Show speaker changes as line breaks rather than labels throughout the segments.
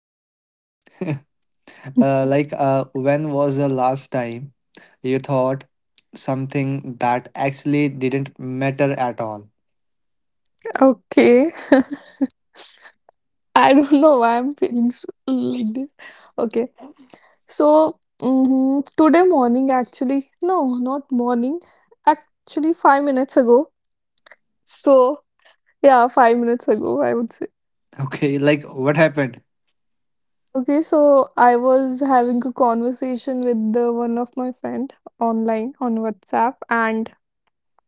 question. Like, when was the last time you thought something that actually didn't matter at all?
Okay. I don't know why I'm feeling so, like this. Okay. So, today morning, actually, no, not morning, actually, 5 minutes ago. So, yeah, 5 minutes ago, I would say.
Okay, like what happened?
Okay, so I was having a conversation with the one of my friend online on WhatsApp, and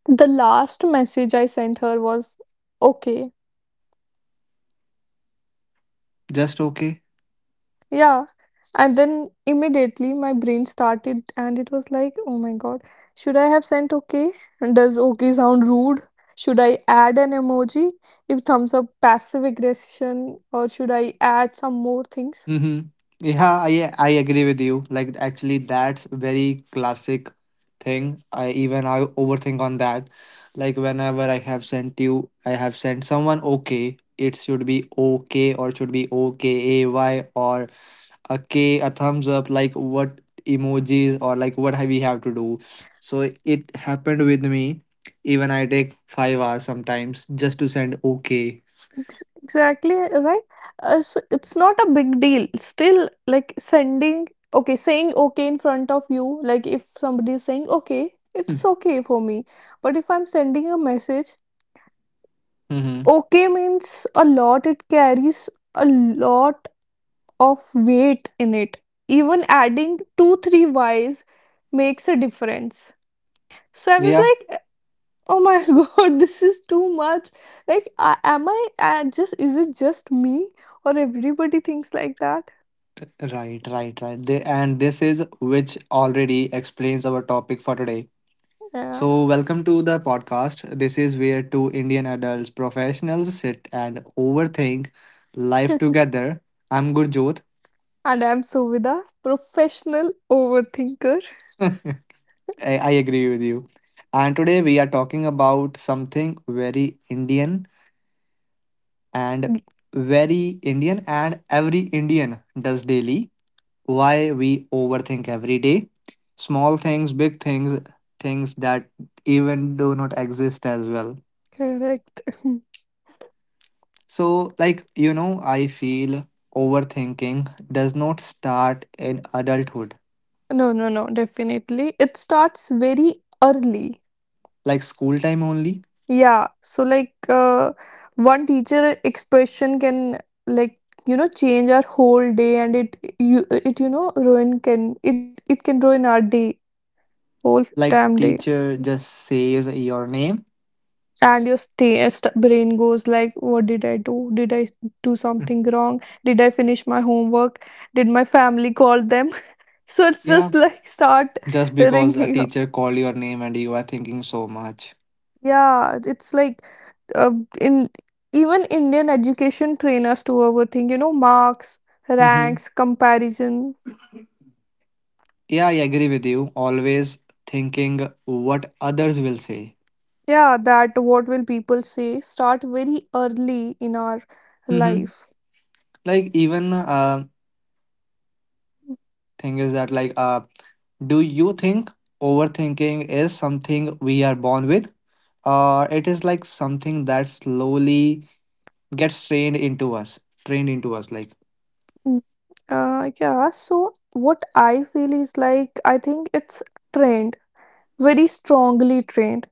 the last message I sent her was okay.
Just okay.
Yeah. And then immediately my brain started, and it was like, oh my god, should I have sent okay? Does okay sound rude? Should I add an emoji if thumbs up passive aggression, or should I add some more things?
Mm-hmm. Yeah, I agree with you. Like, actually, that's very classic thing. I overthink on that. Like, whenever I have sent you, I have sent someone okay. It should be okay, or should be okay ay, or okay, a thumbs up, like what emojis, or like what have we have to do. So it happened with me. Even I take 5 hours sometimes just to send okay.
Exactly, right? So it's not a big deal. Still, like sending, okay, saying okay in front of you, like if somebody is saying okay, it's
Hmm.
okay for me. But if I'm sending a message,
Mm-hmm.
okay means a lot, it carries a lot of weight in it. Even adding two, three Ys makes a difference. So I was
Yeah.
like, oh my god, this is too much. Am I is it just me or everybody thinks like that?
Right, right, right. And this is which already explains our topic for today.
Yeah.
So welcome to the podcast. This is where two Indian adults professionals sit and overthink life together. I'm Gurjot.
And I'm Sovida, professional overthinker.
I agree with you. And today we are talking about something and very Indian, and every Indian does daily. Why we overthink every day. Small things, big things, things that even do not exist as well.
Correct.
So, like, I feel overthinking does not start in adulthood,
No, no, no, definitely. It starts very early.
like school time only.
Yeah, so like one teacher expression can, like, you know, change our whole day, and it you know ruin can it it can ruin our day whole
Like,
damn day.
teacher just says your name.
And your stay st brain goes like, what did I do? Did I do something wrong? Did I finish my homework? Did my family call them? So it's just like start
Just because a
ringing up.
teacher called your name, and you are thinking so much.
Yeah, it's like, uh, in even Indian education train us to overthink, you know, marks,
Mm-hmm.
ranks, comparison.
Yeah, I agree with you. Always thinking what others will say.
Yeah, that what will people say start very early in our
Mm-hmm.
life.
Like, even thing is that, like, do you think overthinking is something we are born with? Or it is like something that slowly gets trained into us. Trained into us like.
Mm. Yeah, so what I feel is like I think it's trend very strongly trained.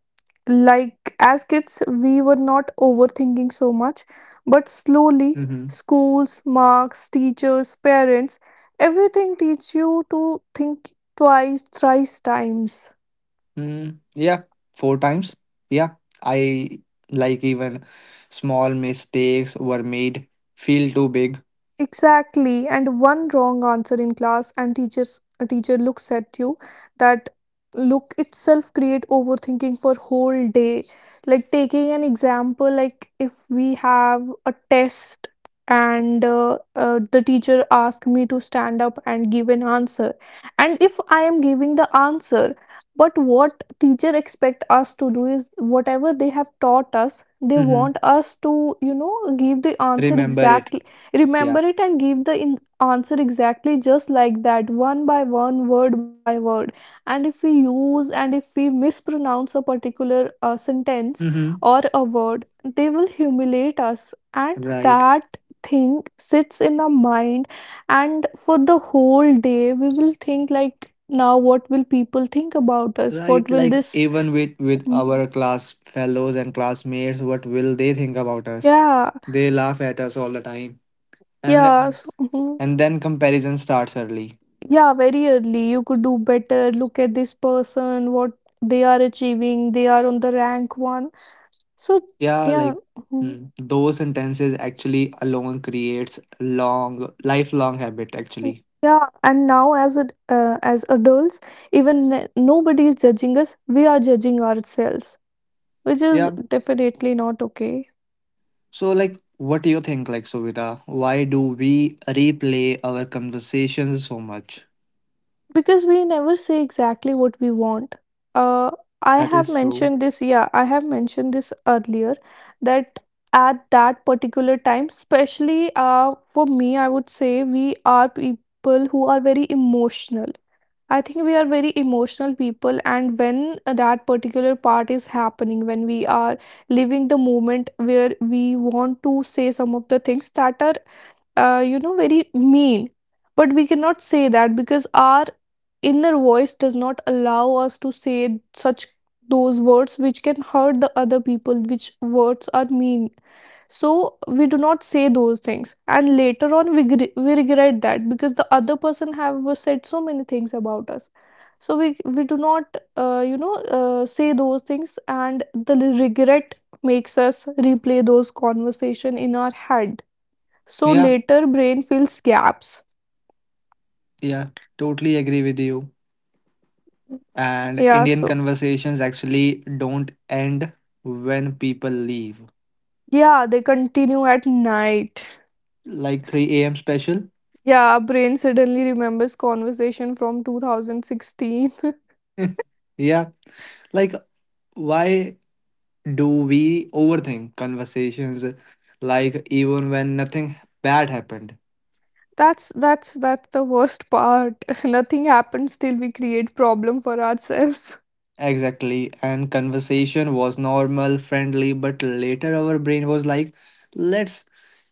Like as kids, we were not overthinking so much, but slowly, schools, marks, teachers, parents, everything teach you to think twice, thrice times.
Mm, yeah, four times. Yeah. I Like, even small mistakes were made feel too big.
Exactly, and one wrong answer in class, and teachers a teacher looks at you. That look itself create overthinking for whole day. Like taking an example, like if we have a test, and the teacher asked me to stand up and give an answer, and if I am giving the answer, but what teacher expect us to do is whatever they have taught us, they
Hmm.
want us to, you know, give the answer
Remember it.
exactly.
Yeah.
Remember it and give the answer exactly just like that, one by one, word by word. And if we mispronounce a particular sentence
Hmm.
or a word, they will humiliate us. And
Right.
that thing sits in the mind, and for the whole day, we will think like, now what will people think about us? What
Right.
will
Like,
this?
even with
Mhm.
our class fellows and classmates, what will they think about us?
Yeah,
They laugh at us all the time,
yeah.
and
So, mhm.
and then comparison starts early.
Yeah, very early. You could do better. Look at this person, what they are achieving. They are on the rank one. So
Yeah,
yeah,
like,
mm,
those sentences actually alone creates long lifelong habit
mm,
actually.
yeah. And now as adults, even nobody is judging us. We are judging ourselves, which is
Yeah.
definitely not okay.
So, like, what do you think, like, Suvita? Why do we replay our conversations so much?
Because we never say exactly what we want. uh I
That
have
is true.
mentioned this, yeah, I have mentioned this earlier, that at that particular time, especially for me, I would say, we are people who are very emotional. I think we are very emotional people, and when that particular part is happening, when we are living the moment where we want to say some of the things that are, you know, very mean. But we cannot say that because our inner voice does not allow us to say such those words which can hurt the other people, which words are mean. So we do not say those things, and later on we we regret that because the other person have said so many things about us. So we do not, say those things, and the regret makes us replay those conversation in our head, so
Yeah,
later brain fills gaps.
yeah, totally agree with you. And
Yeah,
Indian
so
conversations actually don't end when people leave,
yeah, they continue at night.
like 3 a.m. special.
Yeah, brain suddenly remembers conversation from 2016.
Yeah, like, why do we overthink conversations, like, even when nothing bad happened?
That's the worst part. Nothing happens till we create problem for ourselves.
Exactly. And conversation was normal, friendly, but later our brain was like, let's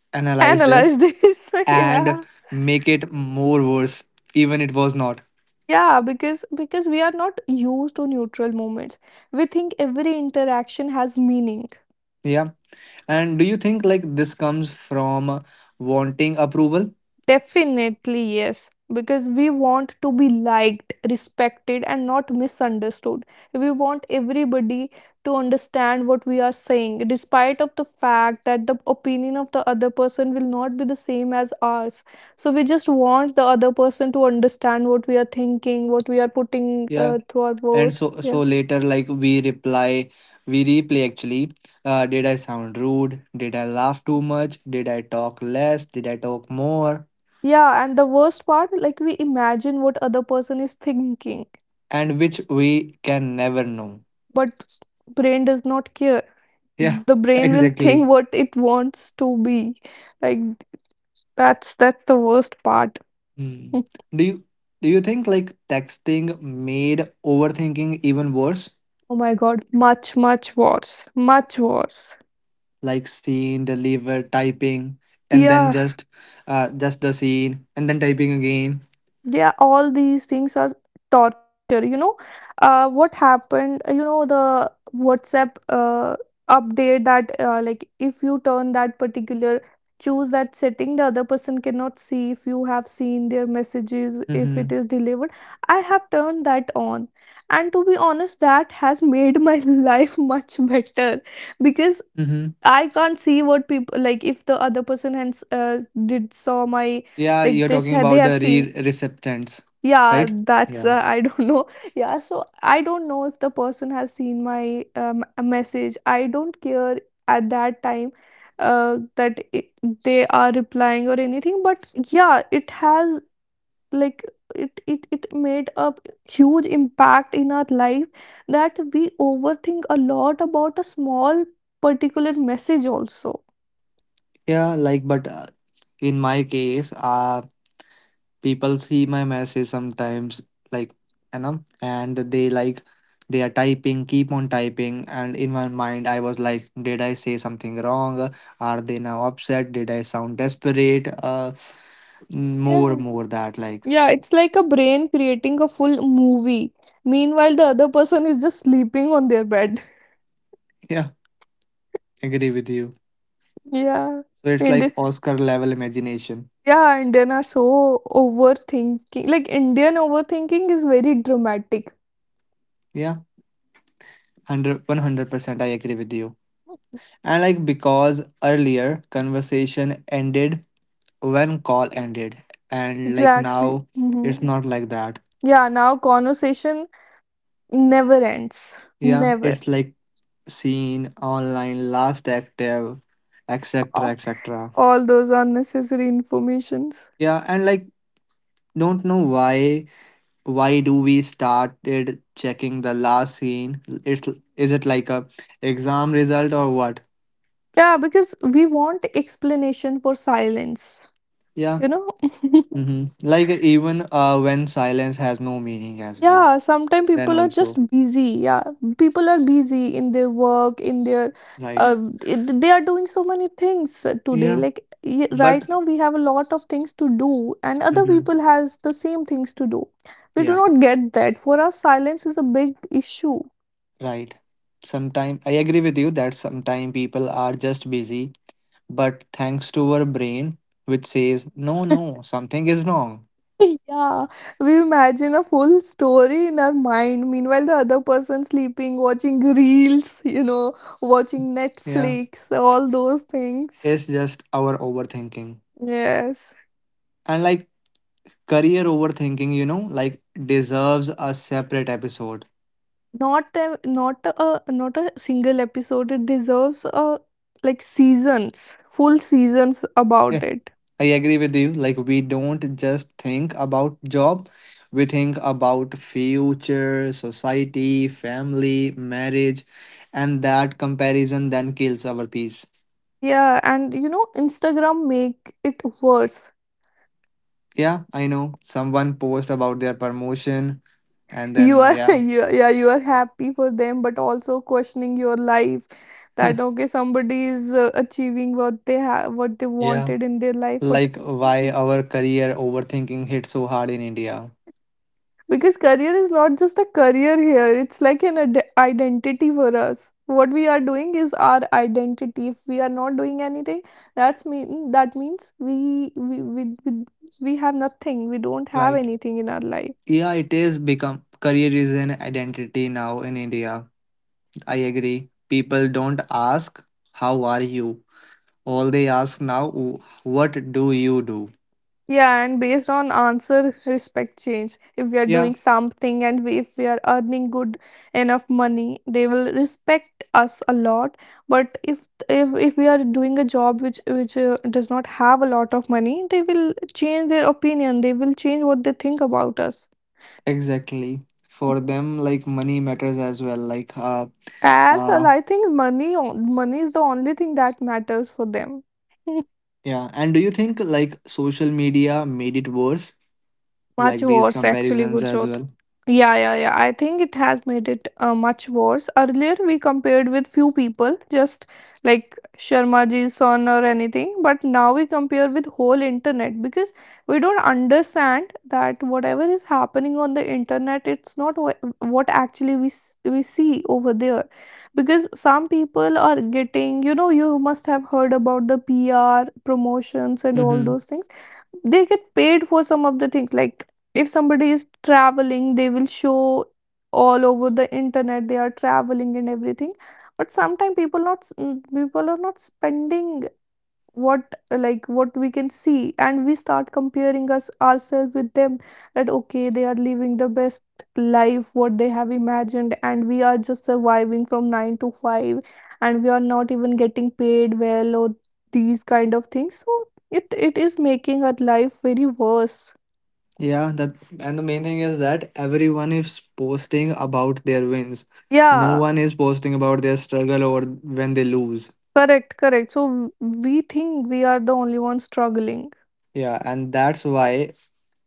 analyze
Analyze
this
this. Yeah.
and make it more worse, even it was not.
Yeah, because we are not used to neutral moments. We think every interaction has meaning.
Yeah. And do you think like this comes from wanting approval?
Definitely, yes. Because we want to be liked, respected, and not misunderstood. We want everybody to understand what we are saying, despite of the fact that the opinion of the other person will not be the same as ours. So we just want the other person to understand what we are thinking, what we are putting,
Yeah.
through our
And
words.
so
Yeah.
later, like, we replay actually. Did I sound rude? Did I laugh too much? Did I talk less? Did I talk more?
Yeah, and the worst part, like, we imagine what other person is thinking.
And which we can never know.
But brain does not care.
Yeah,
The brain will
exactly.
think what it wants to be, like, that's the worst part.
Hmm. Do you do you think like texting made overthinking even worse?
Oh my god, much much worse, much worse.
Like, scene, deliver, typing, and then
Yeah,
just the scene, and then typing again.
yeah, all these things are torture, you know. What happened You know, the WhatsApp update that, like if you turn that particular choose that setting, the other person cannot see if you have seen their messages, if it
Mm-hmm.
is delivered. I have turned that on, and to be honest, that has made my life much better, because
Mm-hmm.
I can't see what people, like, if the other person has, did saw my,
Yeah,
like
you're talking
they
about
have
the
seen,
read receptants,
yeah,
right?
that's,
Yeah.
I don't know. Yeah, so I don't know if the person has seen my a message. I don't care at that time, uh, that it, they are replying or anything. But yeah, it has, like, it made a huge impact in our life, that we overthink a lot about a small particular message also.
Yeah, like, but in my case, people see my message sometimes, like, and they are typing, keep on typing, and in my mind I was like, did I say something wrong? Are they now upset? Did I sound desperate?
Yeah,
More that like,
yeah, it's like a brain creating a full movie. Meanwhile, the other person is just sleeping on their bed.
yeah, agree with you.
Yeah.
So it's like
And
Oscar level imagination.
yeah, Indian are so overthinking. Like, Indian overthinking is very dramatic.
Yeah, 100% I agree with you. And like, because earlier conversation ended when call ended, and like,
Exactly.
now it's
Hmm.
not like that.
Yeah, now conversation never ends.
Yeah,
Never.
it's like seen online, last active,
A-
etc. etc.
All those unnecessary informations.
Yeah, and like, don't know why. Do we started checking the last scene? It's is it like a exam result or what?
Yeah, because we want explanation for silence,
Yeah.
you know?
Mm-hmm. Like, even when silence has no meaning as well.
Yeah, sometimes
Then
people are just
also,
busy. Yeah, people are busy in their work, in their,
right?
uh, they are doing so many things today.
Yeah,
Like, right
but
now, we have a lot of things to do, and other
mm-hmm.
people has the same things to do. We do
Yeah,
not get that. For us, silence is a big issue.
right. Sometime I agree with you that sometime people are just busy, but thanks to our brain, which says no, no, something is wrong.
Yeah, we imagine a full story in our mind. Meanwhile, the other person sleeping, watching reels, you know, watching
Yeah,
Netflix, all those things.
it's just our overthinking.
Yes.
And like, career overthinking, like, deserves a separate episode.
Not a single episode. It deserves a, like, seasons, full seasons about
Yeah,
it.
I agree with you, like, we don't just think about job, we think about future, society, family, marriage. And that comparison then kills our peace.
Yeah, and you know, Instagram make it worse.
Yeah, I know someone post about their promotion, and
You
then,
are
yeah.
you, yeah, you are happy for them, but also questioning your life, that okay, somebody is, achieving what they have, what they
Yeah,
wanted in their life, but.
like, why our career overthinking hit so hard in India,
Because career is not just a career here, it's like an identity for us. What we are doing is our identity. If we are not doing anything, that means we, we we we have nothing. We don't have
right?
anything in our life.
Yeah, it is become career is an identity now in India. I agree. People don't ask how are you. All they ask now, what do you do?
Yeah, and based on answer, respect change. If we are
Yeah,
doing something and we, if we are earning good enough money, they will respect us a lot. But if we are doing a job which does not have a lot of money, they will change their opinion. They will change what they think about us.
exactly. For them, like, money matters as well. Like,
As well,
uh
I think money is the only thing that matters for them.
yeah. And do you think like social media made it worse?
Much
Like, these
worse, actually,
comparisons as
Gurjot.
well.
Yeah, yeah, yeah. I think it has made it, much worse. Earlier, we compared with few people, just like Sharma ji's son or anything, but now we compare with whole internet, because we don't understand that whatever is happening on the internet, it's not what actually we we see over there. Because some people are getting, you know, you must have heard about the PR promotions and all
Mm-hmm.
those things. They get paid for some of the things, like if somebody is traveling, they will show all over the internet they are traveling and everything. But sometimes people not s- mm, people are not spending what, like what we can see, and we start comparing us ourselves with them, that okay, they are living the best life what they have imagined, and we are just surviving from 9 to 5, and we are not even getting paid well or these kind of things. So it is making our life very worse.
Yeah, that. And the main thing is that everyone is posting about their wins. No
Yeah,
one is posting about their struggle or when they lose.
correct, correct. So we think we are the only ones struggling.
Yeah, and that's why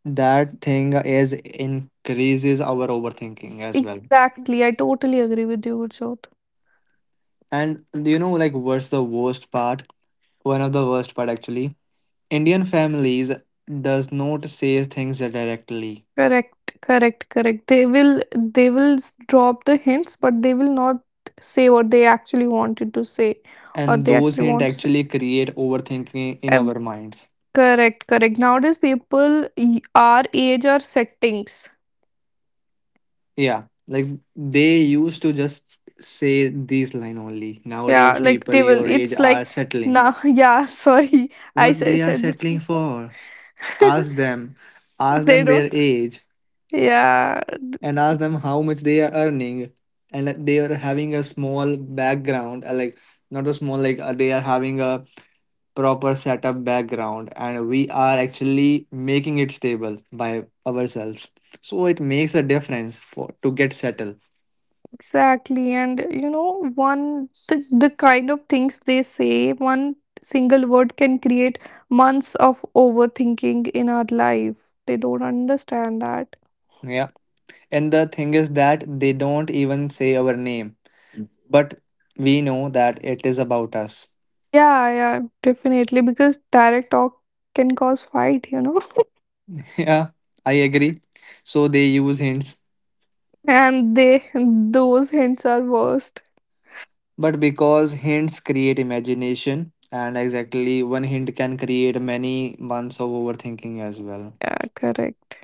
that thing is increases our overthinking as well.
Exactly, I totally agree with you, Gurjot.
And do you know like what's the worst part? One of the worst part actually. Indian families does not say things directly.
Correct, correct, correct. They will drop the hints, but they will not say what they actually wanted to say or
And
they
those
actually
hint
want to say.
actually create overthinking in
Ev-
our minds.
Correct, correct. Nowadays people our age are settings.
Yeah, like, they used to just say these line only.
Yeah,
Nowadays,
like
people
they will
your age
it's
are
like
settling.
now yeah, sorry.
What
I
they are
said
settling for? Ask them, Ask
they
them their
don't
age,
yeah.
and ask them how much they are earning, and that they are having a small background, like, not a small, like, they are having a proper setup background, and we are actually making it stable by ourselves. So it makes a difference for to get settled.
Exactly, and you know, the kind of things they say, one single word can create months of overthinking in our life. They don't understand that.
Yeah. And the thing is that they don't even say our name, but we know that it is about us.
Yeah, yeah, definitely, because direct talk can cause fight, you know,
Yeah, I agree. So they use hints.
and they those hints are worst.
But because hints create imagination, and exactly one hint can create many months of overthinking as well.
Yeah, correct.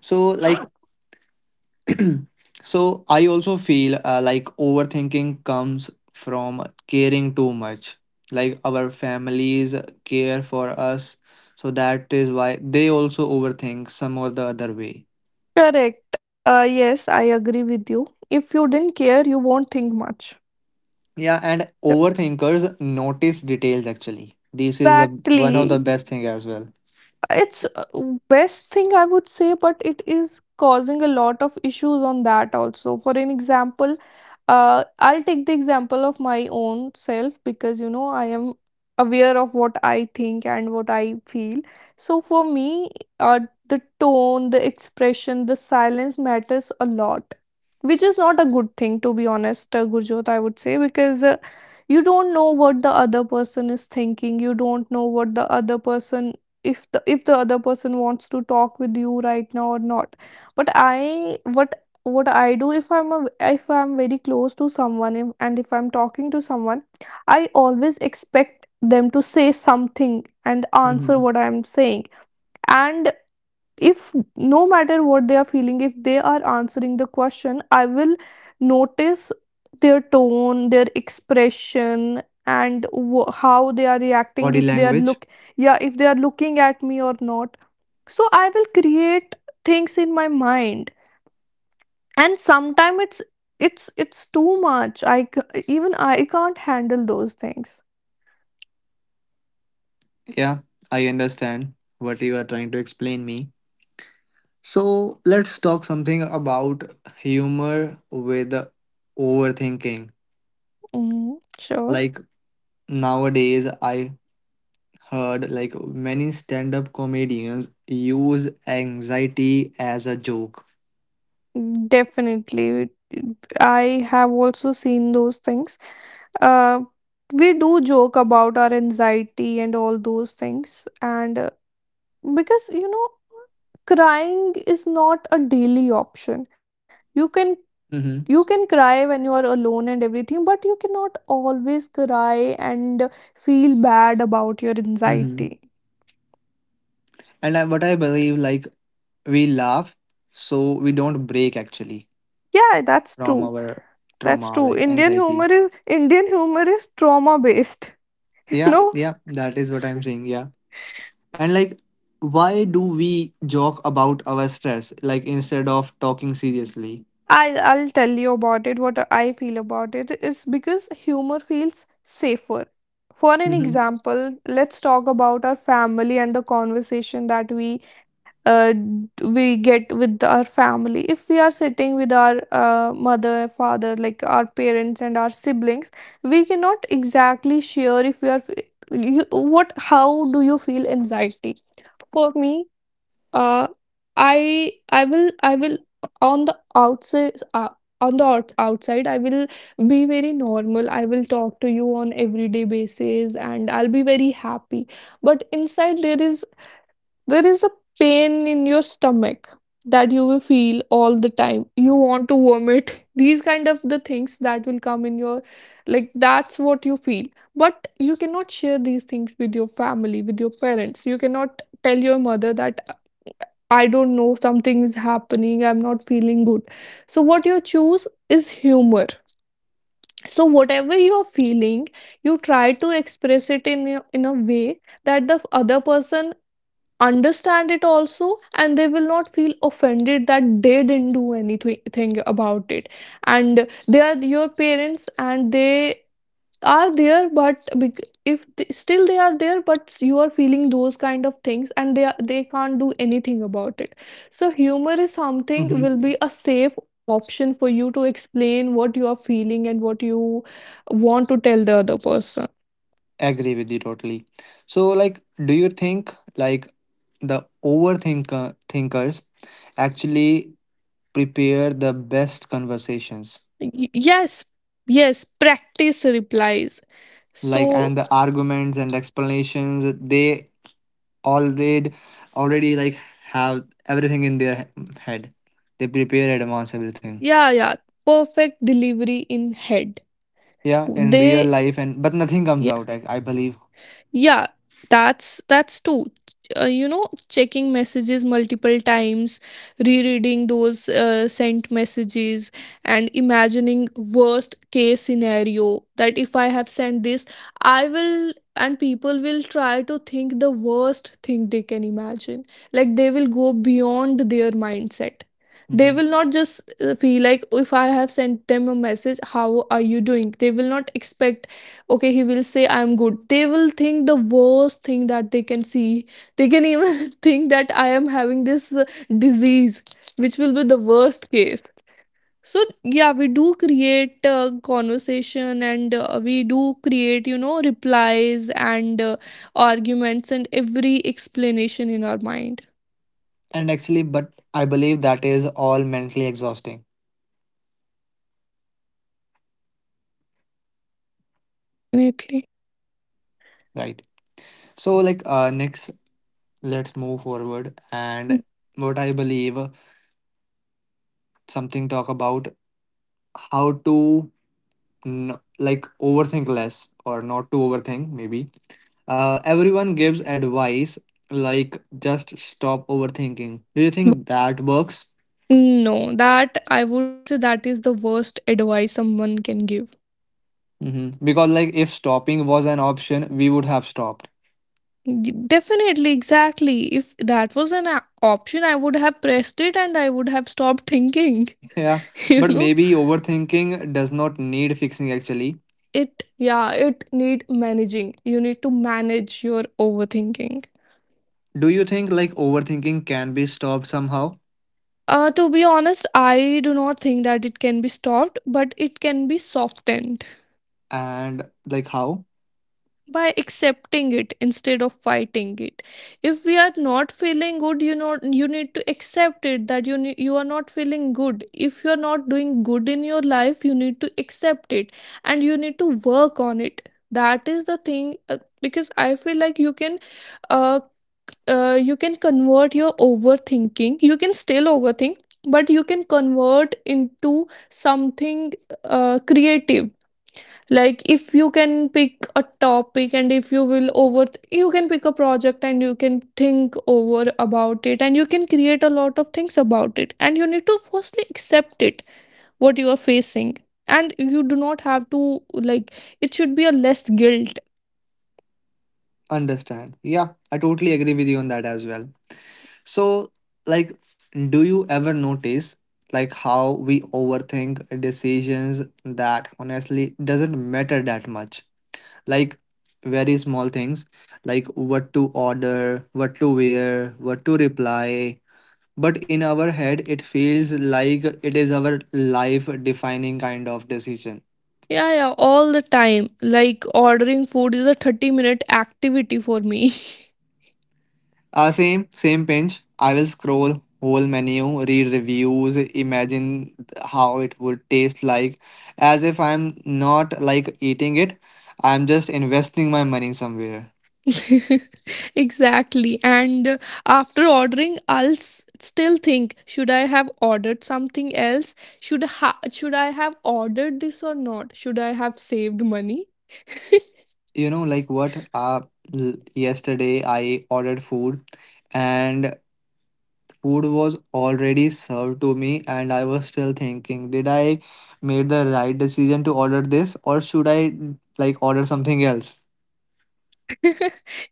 So, like, I also feel, like, overthinking comes from caring too much. Like, our families care for us, so that is why they also overthink some or the other way.
Correct. Yes, I agree with you. If you didn't care, you won't think much.
Yeah, and overthinkers notice details actually. One of the
Exactly.
best thing as well.
It's best thing I would say, but it is causing a lot of issues on that also. For an example, I'll take the example of my own self because you know I am aware of what I think and what I feel. So for me, uh, the tone, the expression, the silence matters a lot, which is not a good thing to be honest, Gurjot. I would say because you don't know what the other person is thinking. You don't know what the other person if the other person wants to talk with you right now or not, but I what I do if if I'm very close to someone if, and if I'm talking to someone, I always expect them to say something and answer
Mhm.
what I'm saying. And if no matter what they are feeling, if they are answering the question, I will notice their tone, their expression, and how they are reacting,
Body
if they are
language.
look, yeah, if they are looking at me or not. So I will create things in my mind, and sometimes it's too much. Even I can't handle those things.
Yeah, I understand what you are trying to explain me. So let's talk something about humor with overthinking.
Mhm. Sure.
Like, nowadays, I heard like many stand up comedians use anxiety as a joke.
Definitely, I have also seen those things. uh, we do joke about our anxiety and all those things, and because you know crying is not a daily option. You can, you
Hmm.
can cry when you are alone and everything, but you cannot always cry and feel bad about your
Hmm.
anxiety.
And what I believe, like, we laugh, so we don't break actually
Yeah, that's
from
true.
our
That's
trauma,
true.
like anxiety.
Indian humor is trauma based. You
Yeah,
know,
yeah, that is what I'm saying. Yeah. And like, why do we joke about our stress, like, instead of talking seriously?
I'll tell you about it. What I feel about it is because humor feels safer. For an example, let's talk about our family and the conversation that we we get with our family. If we are sitting with our mother, father, like our parents and our siblings, we cannot exactly share if we are. You, what? How do you feel anxiety? For me, uh, I will on the outside, on the outside I will be very normal. I will talk to you on everyday basis and I'll be very happy. But inside there is, there is a pain in your stomach that you will feel all the time. You want to vomit. These kind of the things that will come in your, like, that's what you feel. But you cannot share these things with your family, with your parents. You cannot tell your mother that I don't know, something is happening, I'm not feeling good. So, what you choose is humor. So, whatever you're feeling, you try to express it in in a way that the other person understand it also, and they will not feel offended that they didn't do anything thing about it, and they are your parents and they are there. But bec- if th- still they are there, but you are feeling those kind of things, and they can't do anything about it. So humor is something
Mm-hmm.
will be a safe option for you to explain what you are feeling and what you want to tell the other person.
Agree with you totally. So, like, do you think like the overthinker thinkers actually prepare the best conversations?
Yes, yes, practice replies.
Like,
So
and the arguments and explanations they already already like have everything in their head. They prepare and advance everything.
yeah, yeah, perfect delivery in head.
Yeah, in real
They,
life, and but nothing comes
yeah,
out. I believe.
yeah, that's too. You know, checking messages multiple times, rereading those sent messages, and imagining worst case scenario that if I have sent this, I will and people will try to think the worst thing they can imagine. Like they will go beyond their mindset. They
Hmm.
will not just feel like if I have sent them a message how are you doing, they will not expect okay he will say I'm good. They will think the worst thing that they can see. They can even think that I am having this disease, which will be the worst case. So yeah, we do create conversation, and we do create you know replies, and arguments, and every explanation in our mind.
And actually, but I believe that is all mentally exhausting,
对。
right? So, like, next let's move forward, and what I believe, something talk about how to like, overthink less, or not to overthink maybe. Everyone gives advice like just stop overthinking. Do you think that works?
No, that I would say that is the worst advice someone can give.
Hmm. Because, like, if stopping was an option, we would have stopped.
Definitely, exactly. If that was an option, I would have pressed it and I would have stopped thinking,
Yeah,
you
but
know?
maybe overthinking does not need fixing actually.
It, yeah, it need managing. You need to manage your overthinking.
Do you think like overthinking can be stopped somehow,
To be honest, I do not think that it can be stopped, but it can be softened.
and like, how?
By accepting it instead of fighting it. If we are not feeling good, you know, you need to accept it that you are not feeling good. If you are not doing good in your life, you need to accept it, and you need to work on it. That is the thing, because I feel like uh, you can convert your overthinking, you can still overthink, but you can convert into something creative. Like if you can pick a topic and if you will over you can pick a project, and you can think over about it, and you can create a lot of things about it, and you need to firstly accept it what you are facing. And you do not have to like, it should be a less guilt.
Understand. Yeah, I totally agree with you on that as well. So, like, do you ever notice like how we overthink decisions that honestly doesn't matter that much? Like, very small things, like what to order, what to wear, what to reply. But in our head, it feels like it is our life defining kind of decision.
Yeah, yeah, all the time, like ordering food is a 30-minute activity for me.
Same, same pinch. I will scroll whole menu, read reviews, imagine how it would taste like, as if I'm not like eating it. I'm just investing my money somewhere.
Exactly. And after ordering, still think, should I have ordered something else? Should I have ordered this or not? Should I have saved money?
You know, like what? Yesterday I ordered food, and food was already served to me, and I was still thinking, did I made the right decision to order this, or should I like order something else?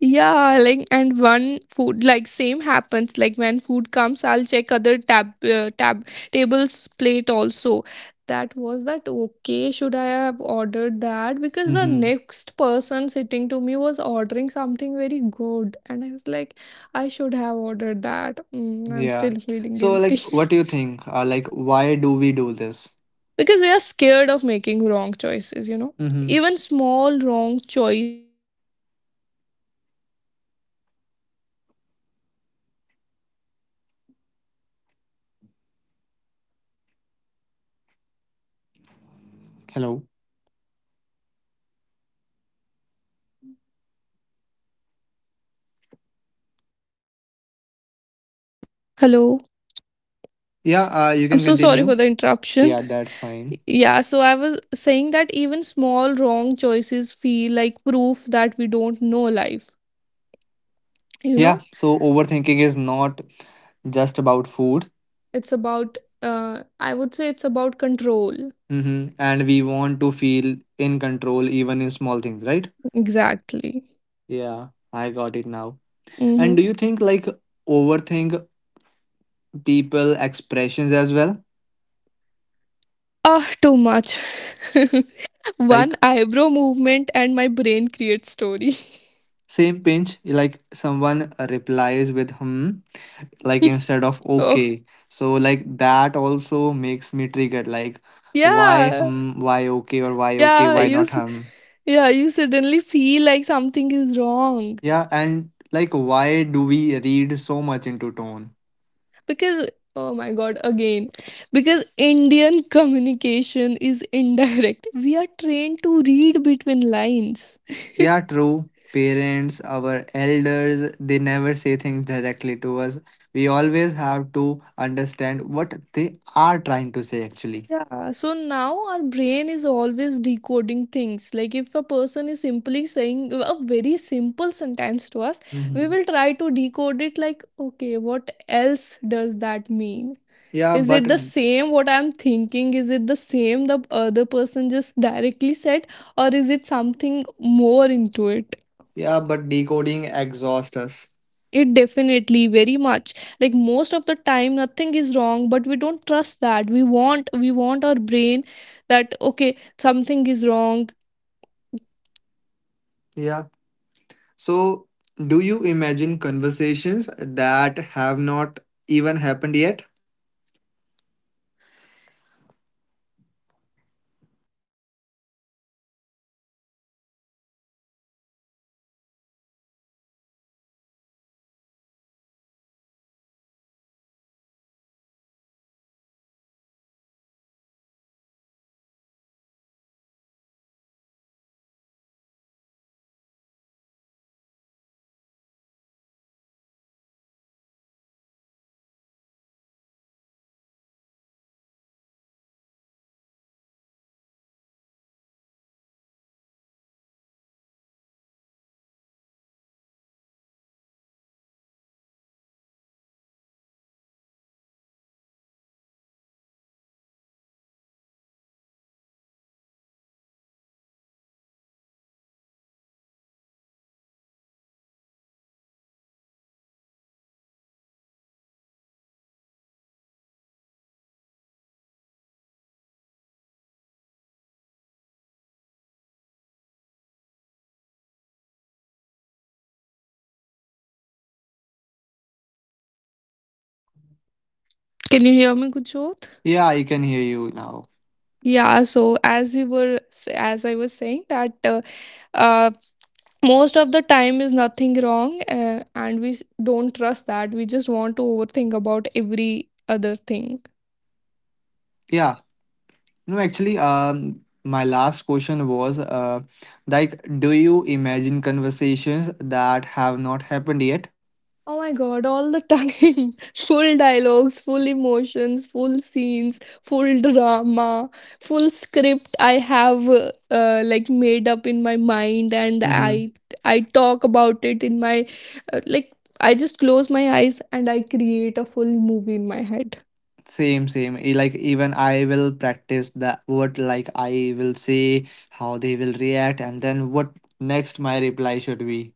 Yeah, like and one food like same happens like when food comes I'll check other tables plate also. That was that okay? Should I have ordered that? Because the
Mm-hmm.
next person sitting to me was ordering something very good, and I was like, I should have ordered that. Mm, I'm
Yeah.
still feeling
So, like,
guilty.
what do you think? Like, why do we do this?
Because we are scared.
Mm-hmm. Hello. Yeah, you can continue. Yeah, that's fine. Yeah, so overthinking is not just about food. Mm-hmm. And we want to feel in control even in small things, right? Yeah, I got it now. And do you think, like, overthink people expressions as well? Like, same pinch, like, someone replies with hmm, like, instead of okay. So like, that also makes me triggered, like, why hum, why okay, or why okay, why not hum. Yeah, and like, why do we read so much into tone? Yeah, true. Parents, our elders, they never say things directly to us. We always have to understand what they are trying to say actually. Mhm. yeah but yeah, but decoding exhausts us, yeah. So, do you imagine conversations that have not even happened yet?
Can you hear me, Gurjot?
Yeah, I can hear you now.
Yeah, so as we were, as I was saying that uh, most of the time is nothing wrong, and don't trust that. We just want to overthink about every other thing.
Yeah, no, actually, my last question was, like, do you imagine conversations that have not happened yet?
Oh my god, all the time. Full dialogues, full emotions, full scenes, full drama, full script I have like made up in my mind, and
Mm-hmm.
I talk about it in my like I just close my eyes and I create a full movie in my head.
Same, same. Like, even I will practice that what, like, I will say, how they will react, and then what next my reply should be.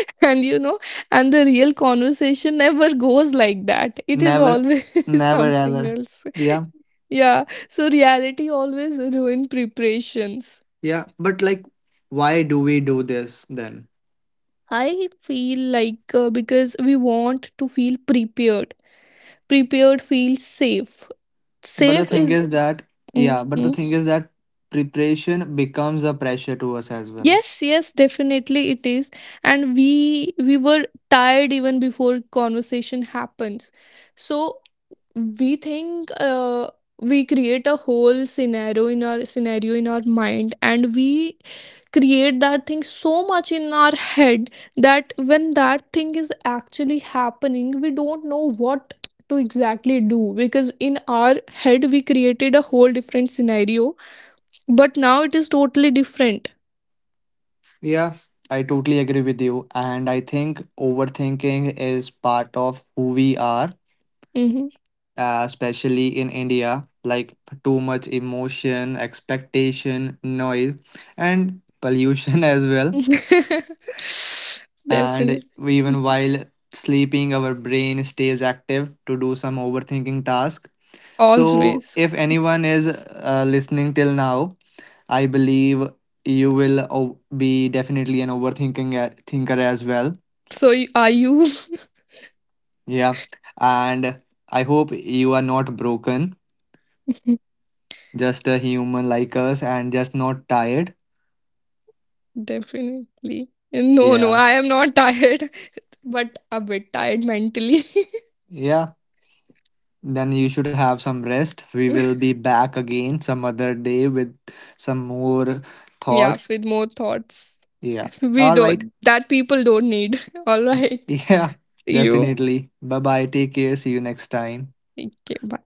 And you know, and the real conversation never goes like that. It is
Never,
always
never,
something
ever.
else.
Yeah.
Yeah, so reality always ruin preparations.
Yeah, but like, why do we do this then?
I feel like because we want to feel prepared. Prepared feels safe.
But the
Safe
thing
is.
is that, Yeah,
Mhm.
but the thing is that preparation becomes a pressure to us as well.
Yes, yes, definitely it is. And we were tired even before conversation happens. So we think, we create a whole scenario in our mind, and we create that thing so much in our head that when that thing is actually happening we don't know what to exactly do, because in our head we created a whole different scenario, but now it is totally different.
Yeah, I totally agree with you. And I think overthinking is part of who we are,
Hmm.
especially in India. Like, too much emotion, expectation, noise, and pollution as well. And
Definitely.
even while sleeping, our brain stays active to do some overthinking task.
Always.
So, if anyone is listening till now, I believe you will be definitely an overthinking thinker as well.
So are you
Yeah. And I hope you are not broken, just a human like us and just not tired.
Definitely. No, no,
Yeah.
I am not tired, but a bit tired mentally.
Yeah. Then you should have some rest. We will be back again some other day with some more
Yeah,
thoughts.
with more thoughts
Yeah.
we
All right.
don't that people don't need. All right.
Yeah.
See you.
Definitely. Bye bye. Take care. See you next time.
Take care. Bye.